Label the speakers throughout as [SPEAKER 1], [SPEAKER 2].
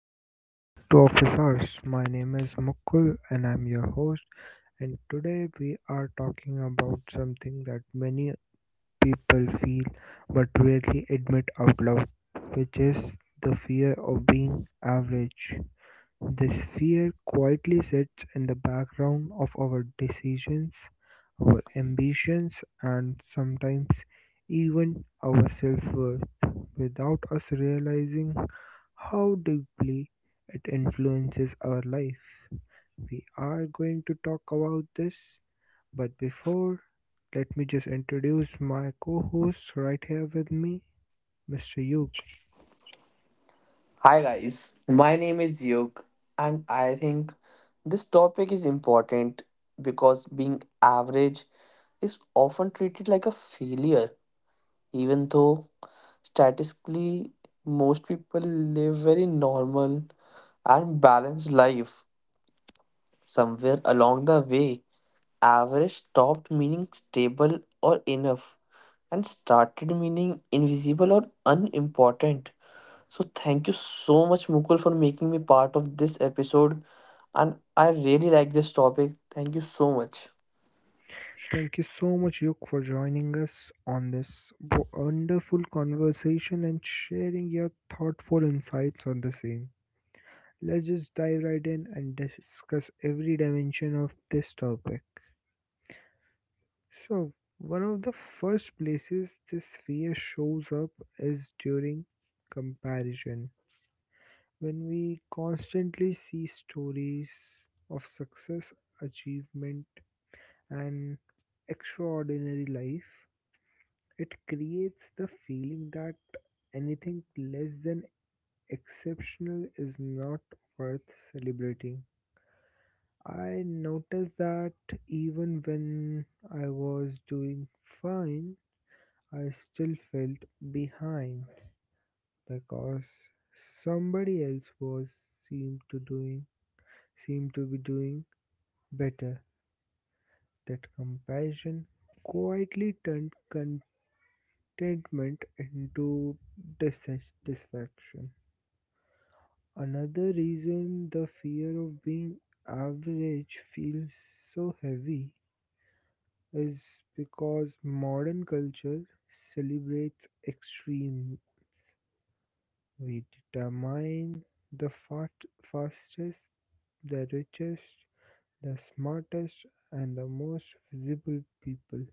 [SPEAKER 1] welcome back to Office Hours. My name is Mukul and I'm your host. And today we are talking about something that many people feel but rarely admit out loud, which is the fear of being average. This fear quietly sits in the background of our decisions, our ambitions, and sometimes even our self worth without us realizing how deeply it influences our life. We are going to talk about this, but before, let me just introduce my co host right here with me, Mr. Yug.
[SPEAKER 2] Hi guys, my name is Yug and I think this topic is important because being average is often treated like a failure even though statistically most people live very normal and balanced life. Somewhere along the way, average stopped meaning stable or enough and started meaning invisible or unimportant. So thank you so much, Mukul, for making me part of this episode. And I really like this topic. Thank you so much.
[SPEAKER 1] Thank you so much, Yuk, for joining us on this wonderful conversation and sharing your thoughtful insights on the same. Let's just dive right in and discuss every dimension of this topic. So, one of the first places this fear shows up is during comparison. When we constantly see stories of success, achievement, and extraordinary life, it creates the feeling that anything less than exceptional is not worth celebrating. I noticed that even when I was doing fine, I still felt behind because somebody else was seemed to doing seemed to be doing better. That comparison quietly turned contentment into dissatisfaction. Another reason the fear of being average feels so heavy is because modern culture celebrates extreme. We determine the fat, fastest, the richest, the smartest, and the most visible people.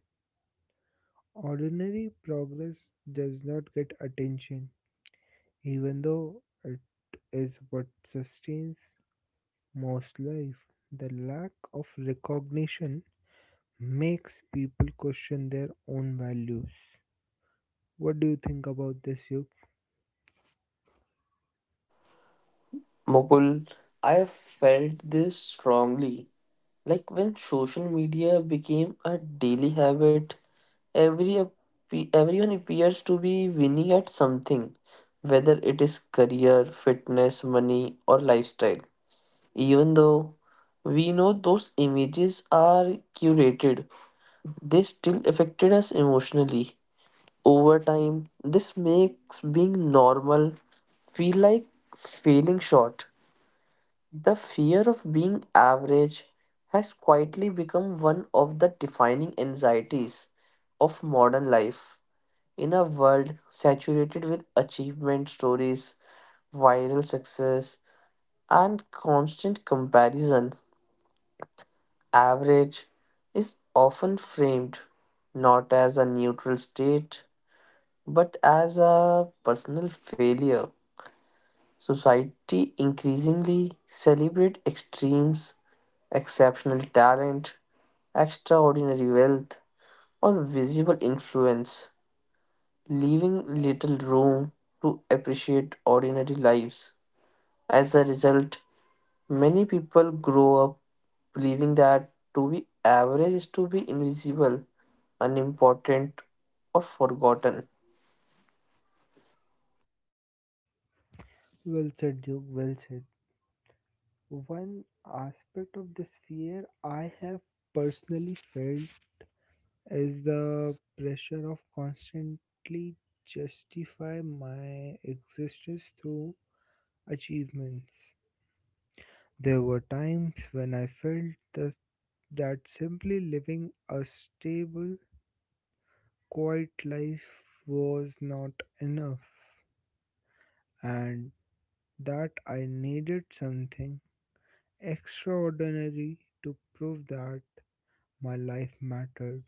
[SPEAKER 1] Ordinary progress does not get attention, even though it is what sustains most life, the lack of recognition makes people question their own values. What do you think about this, Yug?
[SPEAKER 2] Mukul, I felt this strongly. Like when social media became a daily habit, everyone appears to be winning at something, whether it is career, fitness, money, or lifestyle. Even though we know those images are curated, they still affected us emotionally. Over time, this makes being normal feel like failing short. The fear of being average has quietly become one of the defining anxieties of modern life. In a world saturated with achievement stories, viral success, and constant comparison, average is often framed not as a neutral state but as a personal failure. Society increasingly celebrate extremes, exceptional talent, extraordinary wealth, or visible influence, leaving little room to appreciate ordinary lives. As a result, many people grow up believing that to be average is to be invisible, unimportant, or forgotten.
[SPEAKER 1] Well said, Yug. Well said. One aspect of this fear I have personally felt is the pressure of constantly justify my existence through achievements. There were times when I felt that simply living a stable quiet life was not enough, and that I needed something extraordinary to prove that my life mattered.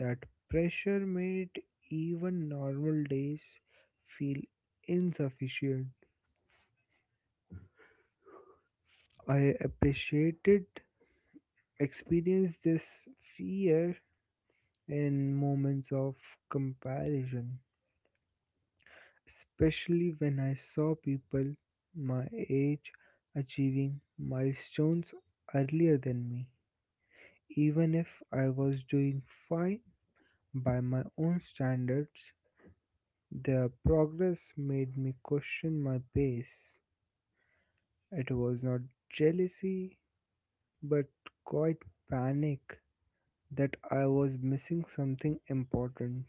[SPEAKER 1] That pressure made even normal days feel insufficient. I appreciated experience this fear in moments of comparison, especially when I saw people my age achieving milestones earlier than me. Even if I was doing fine by my own standards, their progress made me question my pace. It was not jealousy, but quite panic that I was missing something important.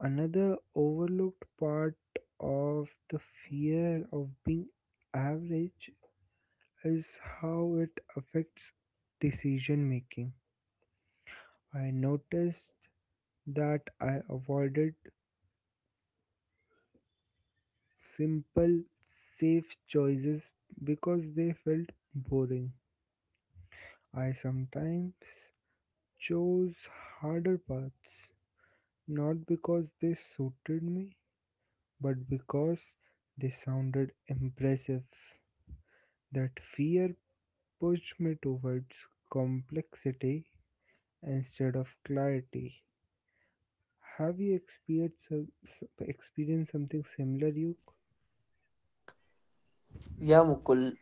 [SPEAKER 1] Another overlooked part of the fear of being average is how it affects decision making. I noticed that I avoided simple, safe choices because they felt boring. I sometimes chose harder paths not because they suited me, but because they sounded impressive. That fear pushed me towards complexity instead of clarity. Have you experienced something similar, you?
[SPEAKER 2] Yeah, Mukul.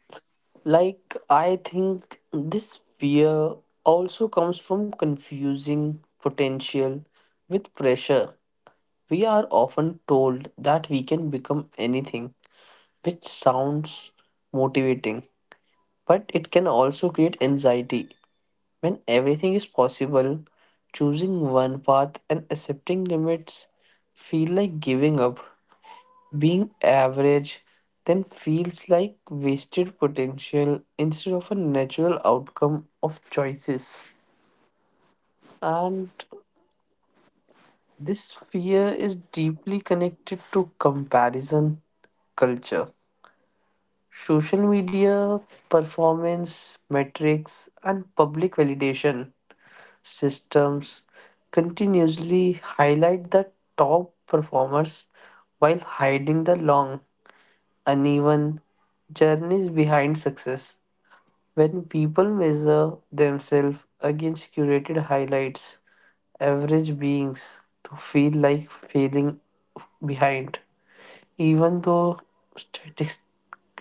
[SPEAKER 2] Like, I think this fear also comes from confusing potential with pressure. We are often told that we can become anything, which sounds motivating, but it can also create anxiety. When everything is possible, choosing one path and accepting limits feel like giving up. Being average then feels like wasted potential instead of a natural outcome of choices. And this fear is deeply connected to comparison culture. Social media, performance, metrics, and public validation systems continuously highlight the top performers while hiding the long, uneven journeys behind success. When people measure themselves against curated highlights, average beings to feel like failing behind. Even though statis-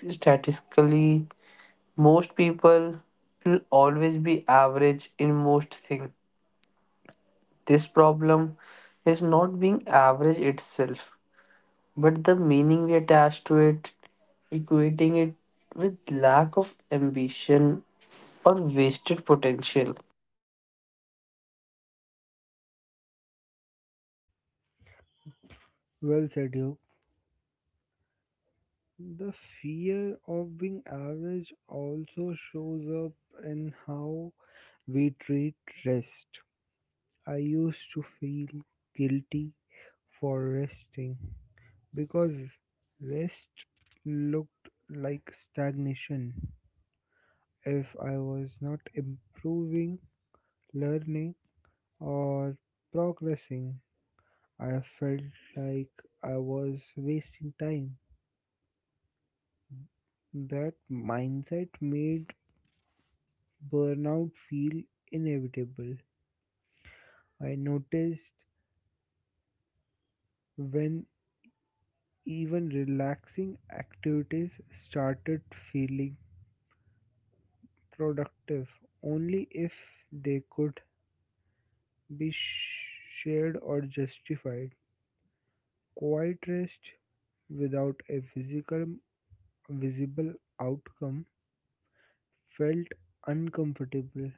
[SPEAKER 2] statistically most people will always be average in most things, this problem is not being average itself, but the meaning we attach to it, equating it with lack of ambition or wasted potential.
[SPEAKER 1] Well said, you. The fear of being average also shows up in how we treat rest. I used to feel guilty for resting because rest looked like stagnation. If I was not improving, learning, or progressing, I felt like I was wasting time. That mindset made burnout feel inevitable. I noticed when even relaxing activities started feeling productive only if they could shared or justified. Quiet rest without a physical visible outcome felt uncomfortable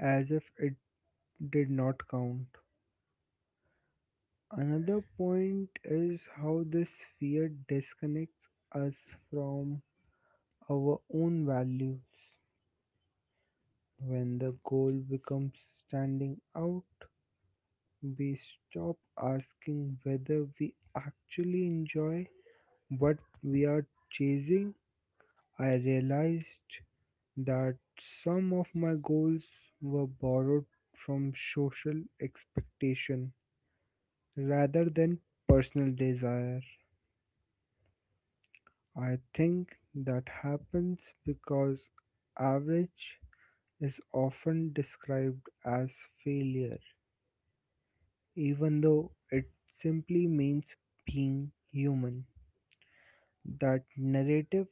[SPEAKER 1] as if it did not count. Another point is how this fear disconnects us from our own values. When the goal becomes standing out, we stop asking whether we actually enjoy what we are chasing. I realized that some of my goals were borrowed from social expectation rather than personal desire. I think that happens because average is often described as failure, even though it simply means being human. That narrative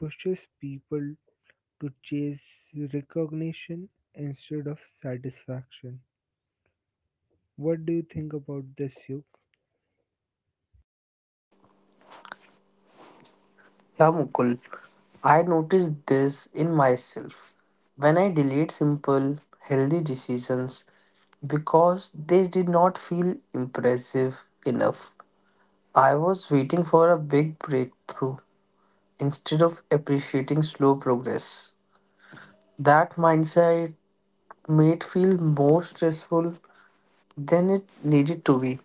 [SPEAKER 1] pushes people to chase recognition instead of satisfaction. What do you think about this, you?
[SPEAKER 2] Yeah, Mukul, I noticed this in myself when I delayed simple, healthy decisions because they did not feel impressive enough. I was waiting for a big breakthrough instead of appreciating slow progress. That mindset made feel more stressful than it needed to be.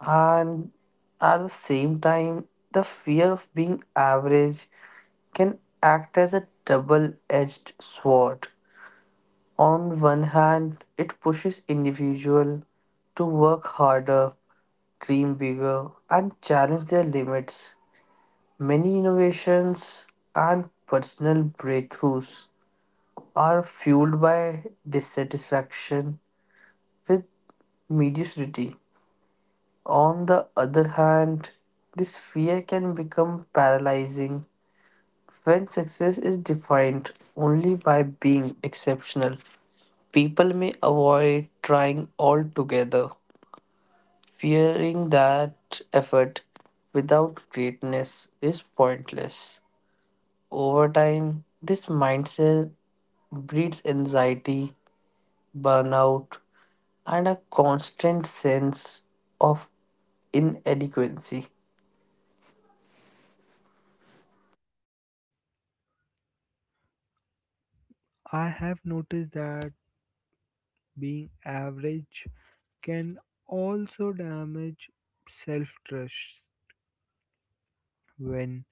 [SPEAKER 2] And at the same time the fear of being average can act as a double-edged sword. On one hand it pushes individual to work harder, dream bigger and challenge their limits. Many innovations and personal breakthroughs are fueled by dissatisfaction with mediocrity. On the other hand, this fear can become paralyzing when success is defined only by being exceptional. People may avoid trying altogether, fearing that effort without greatness is pointless. Over time, this mindset breeds anxiety, burnout, and a constant sense of inadequacy.
[SPEAKER 1] I have noticed that being average can also damage self trust when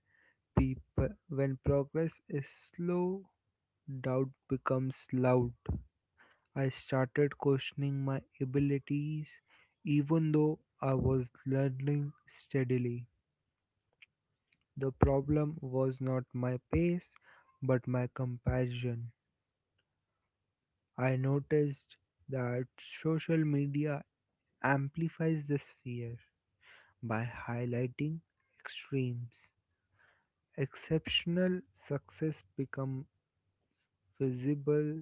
[SPEAKER 1] people when progress is slow, doubt becomes loud. I started questioning my abilities even though I was learning steadily. The problem was not my pace but my comparison. I noticed that social media amplifies this fear by highlighting extremes. Exceptional success become visible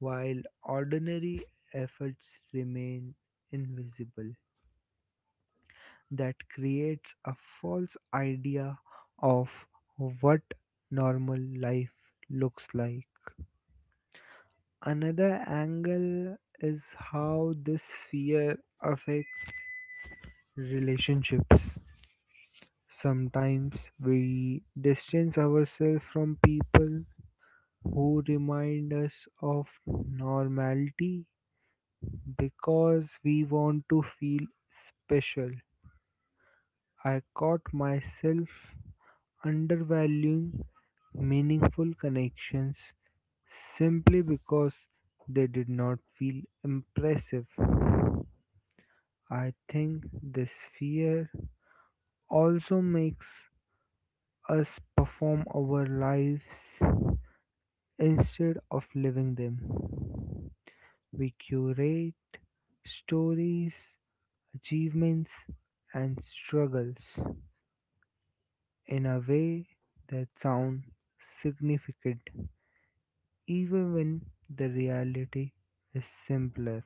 [SPEAKER 1] while ordinary efforts remain invisible. That creates a false idea of what normal life looks like. Another angle is how this fear affects relationships. Sometimes we distance ourselves from people who remind us of normality because we want to feel special. I caught myself undervaluing meaningful connections simply because they did not feel impressive. I think this fear also makes us perform our lives instead of living them. We curate stories, achievements, and struggles in a way that sound significant even when the reality is simpler.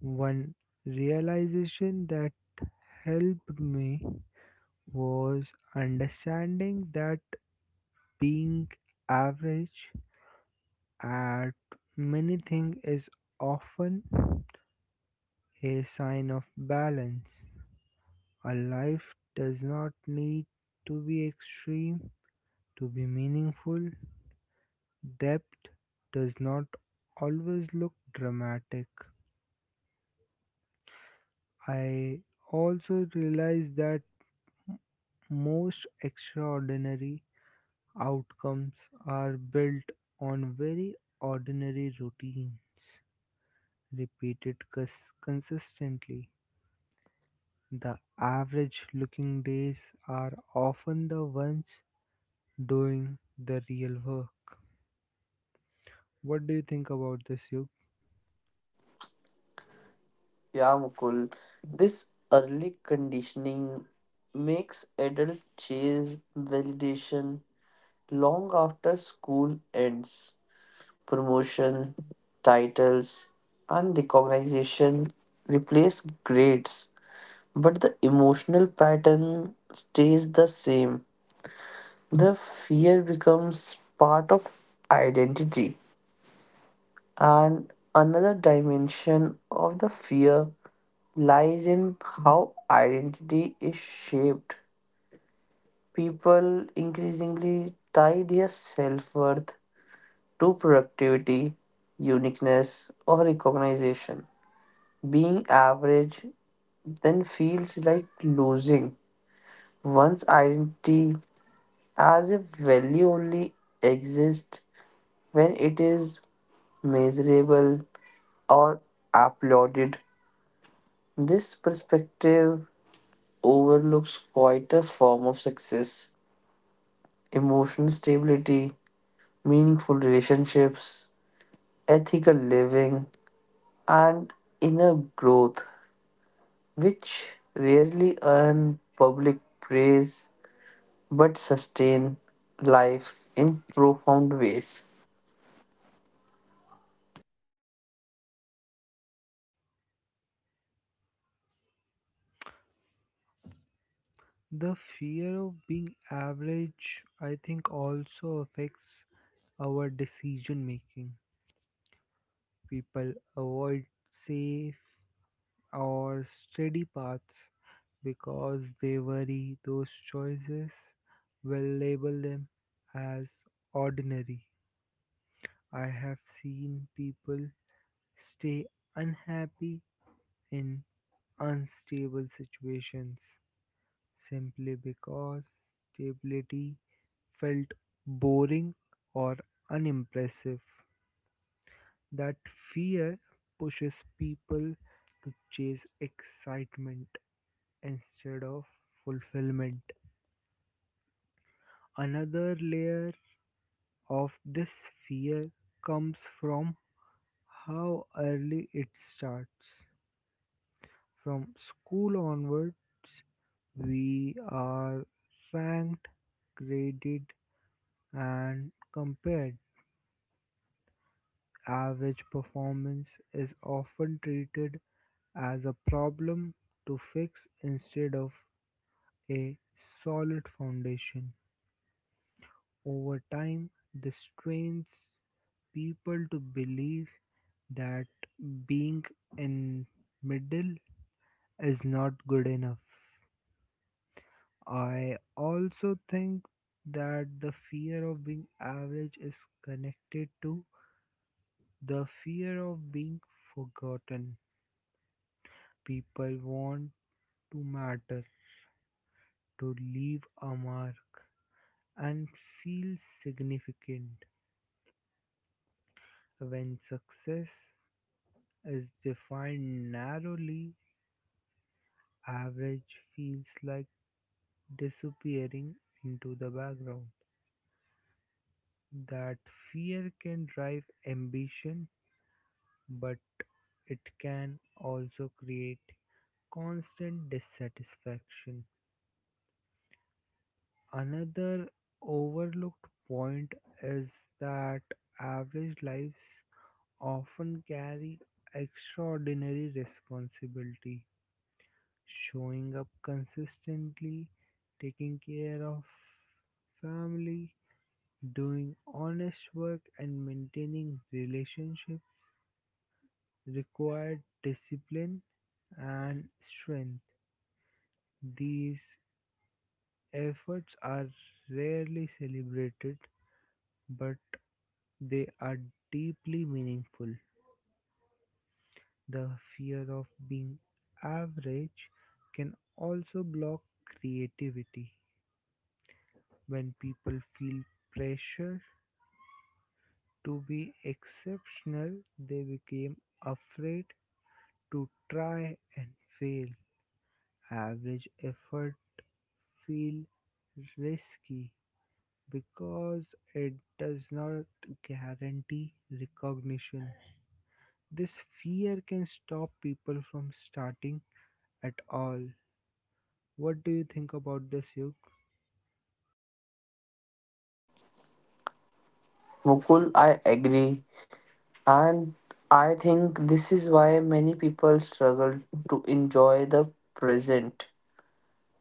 [SPEAKER 1] One realization that helped me was understanding that being average at many things is often a sign of balance. A life does not need to be extreme to be meaningful. Depth does not always look dramatic. I also realize that most extraordinary outcomes are built on very ordinary routines repeated consistently. The average looking days are often the ones doing the real work. What do you think about this, Yug?
[SPEAKER 2] Yeah, Mukul. This early conditioning makes adults chase validation long after school ends. Promotion, titles, and recognition replace grades, but the emotional pattern stays the same. The fear becomes part of identity. And another dimension of the fear lies in how identity is shaped. People increasingly tie their self worth to productivity, uniqueness, or recognition. Being average then feels like losing one's identity as if value only exists when it is measurable or applauded. This perspective overlooks quite a form of success: emotional stability, meaningful relationships, ethical living, and inner growth, which rarely earn public praise but sustain life in profound ways.
[SPEAKER 1] The fear of being average, I think, also affects our decision making. People avoid safe or steady paths because they worry those choices will label them as ordinary. I have seen people stay unhappy in unstable situations simply because stability felt boring or unimpressive. That fear pushes people to chase excitement instead of fulfillment. Another layer of this fear comes from how early it starts. From school onwards, we are ranked, graded, and compared. Average performance is often treated as a problem to fix instead of a solid foundation. Over time, this trains people to believe that being in middle is not good enough. I also think that the fear of being average is connected to the fear of being forgotten. People want to matter, to leave a mark, and feel significant. When success is defined narrowly, average feels like disappearing into the background. That fear can drive ambition, but it can also create constant dissatisfaction. Another overlooked point is that average lives often carry extraordinary responsibility. Showing up consistently, taking care of family, doing honest work, and maintaining relationships require discipline and strength. These efforts are rarely celebrated, but they are deeply meaningful. The fear of being average can also block creativity. When people feel pressure to be exceptional, they became afraid to try and fail; average effort feels risky because it does not guarantee recognition. This fear can stop people from starting at all. What do you think about this, Yuk?
[SPEAKER 2] Mukul, I agree, and I think this is why many people struggle to enjoy the present.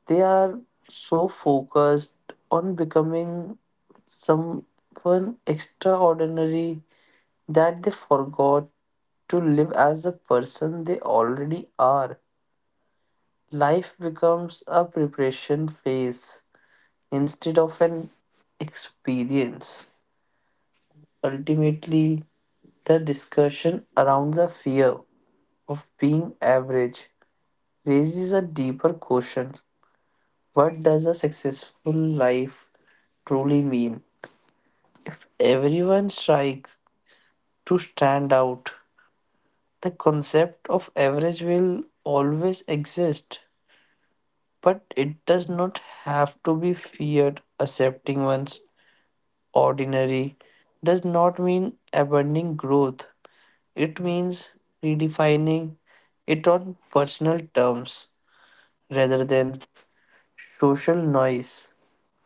[SPEAKER 2] They are so focused on becoming someone extraordinary that they forgot to live as a person they already are. Life becomes a preparation phase instead of an experience. Ultimately, the discussion around the fear of being average raises a deeper question. What does a successful life truly mean? If everyone strives to stand out, the concept of average will always exist, but it does not have to be feared. Accepting one's ordinary does not mean abandoning growth, it means redefining it on personal terms rather than social noise.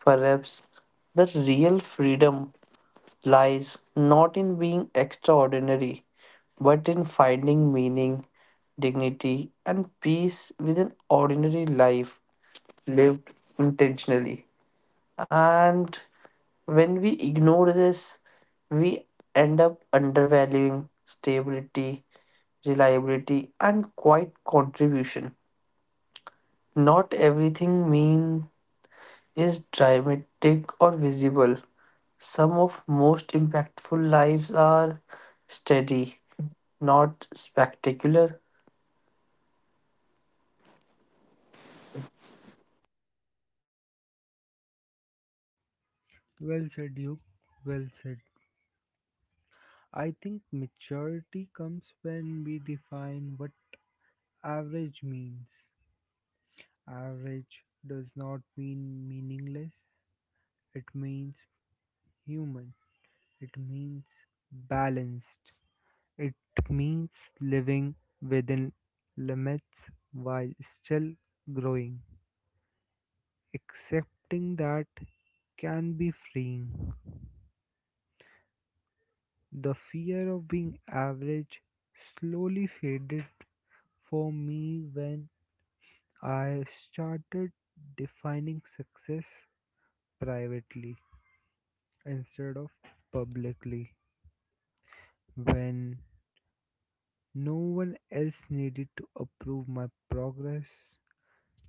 [SPEAKER 2] Perhaps the real freedom lies not in being extraordinary, but in finding meaning, dignity, and peace within ordinary life lived intentionally. And when we ignore this, we end up undervaluing stability, reliability, and quiet contribution. Not everything means is dramatic or visible. Some of most impactful lives are steady, not spectacular.
[SPEAKER 1] Well said, Yuk. Well said. I think maturity comes when we define what average means. Average does not mean meaningless, it means human, it means balanced, it means living within limits while still growing. Accepting that can be freeing. The fear of being average slowly faded for me when I started defining success privately, instead of publicly, when no one else needed to approve my progress.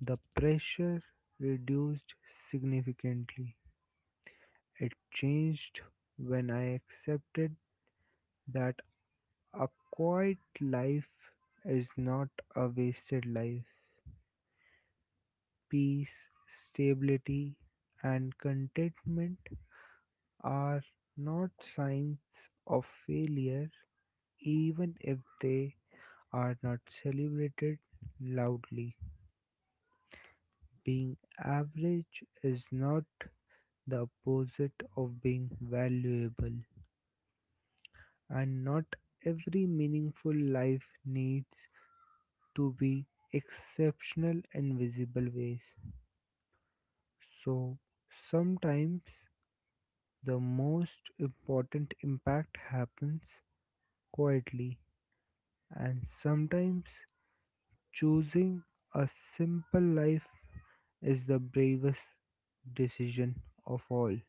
[SPEAKER 1] The pressure reduced significantly. It changed when I accepted that a quiet life is not a wasted life. Peace, stability, and contentment are not signs of failure even if they are not celebrated loudly. Being average is not the opposite of being valuable, and not every meaningful life needs to be exceptional in visible ways. So, sometimes the most important impact happens quietly, and sometimes choosing a simple life is the bravest decision of all.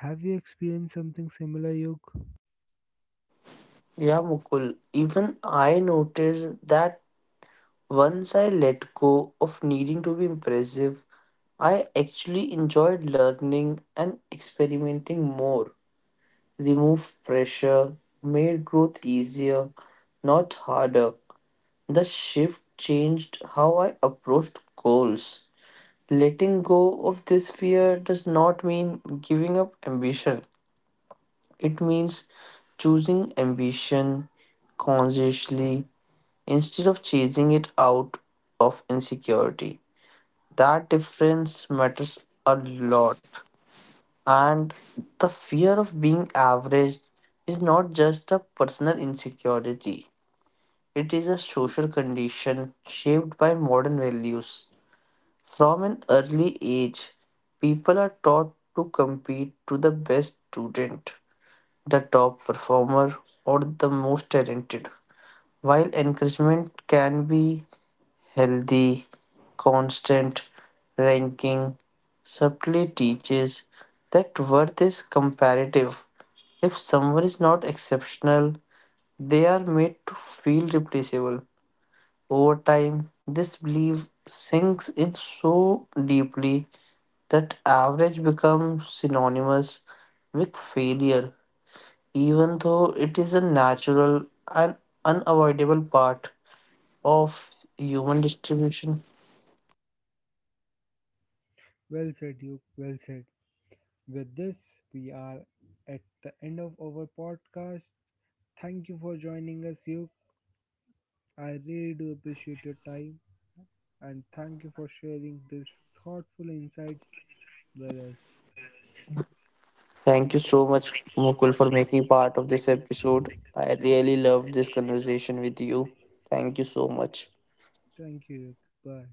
[SPEAKER 1] Have you experienced something similar, Yog?
[SPEAKER 2] Yeah, Mukul. Even I noticed that once I let go of needing to be impressive, I actually enjoyed learning and experimenting more. Remove pressure, made growth easier, not harder. The shift changed how I approached goals. Letting go of this fear does not mean giving up ambition. It means choosing ambition consciously instead of chasing it out of insecurity. That difference matters a lot. And the fear of being average is not just a personal insecurity, it is a social condition shaped by modern values. From an early age, people are taught to compete to the best student, the top performer, or the most talented. While encouragement can be healthy, constant ranking subtly teaches that worth is comparative. If someone is not exceptional, they are made to feel replaceable. Over time, this belief sinks in so deeply that average becomes synonymous with failure, even though it is a natural and unavoidable part of human distribution.
[SPEAKER 1] Well said, Duke. Well said. With this, we are at the end of our podcast. Thank you for joining us, Duke. I really do appreciate your time and thank you for sharing these thoughtful insights with us.
[SPEAKER 2] Thank you so much, Mukul, for making part of this episode. I really loved this conversation with you. Thank you so much.
[SPEAKER 1] Thank you, Duke. Bye.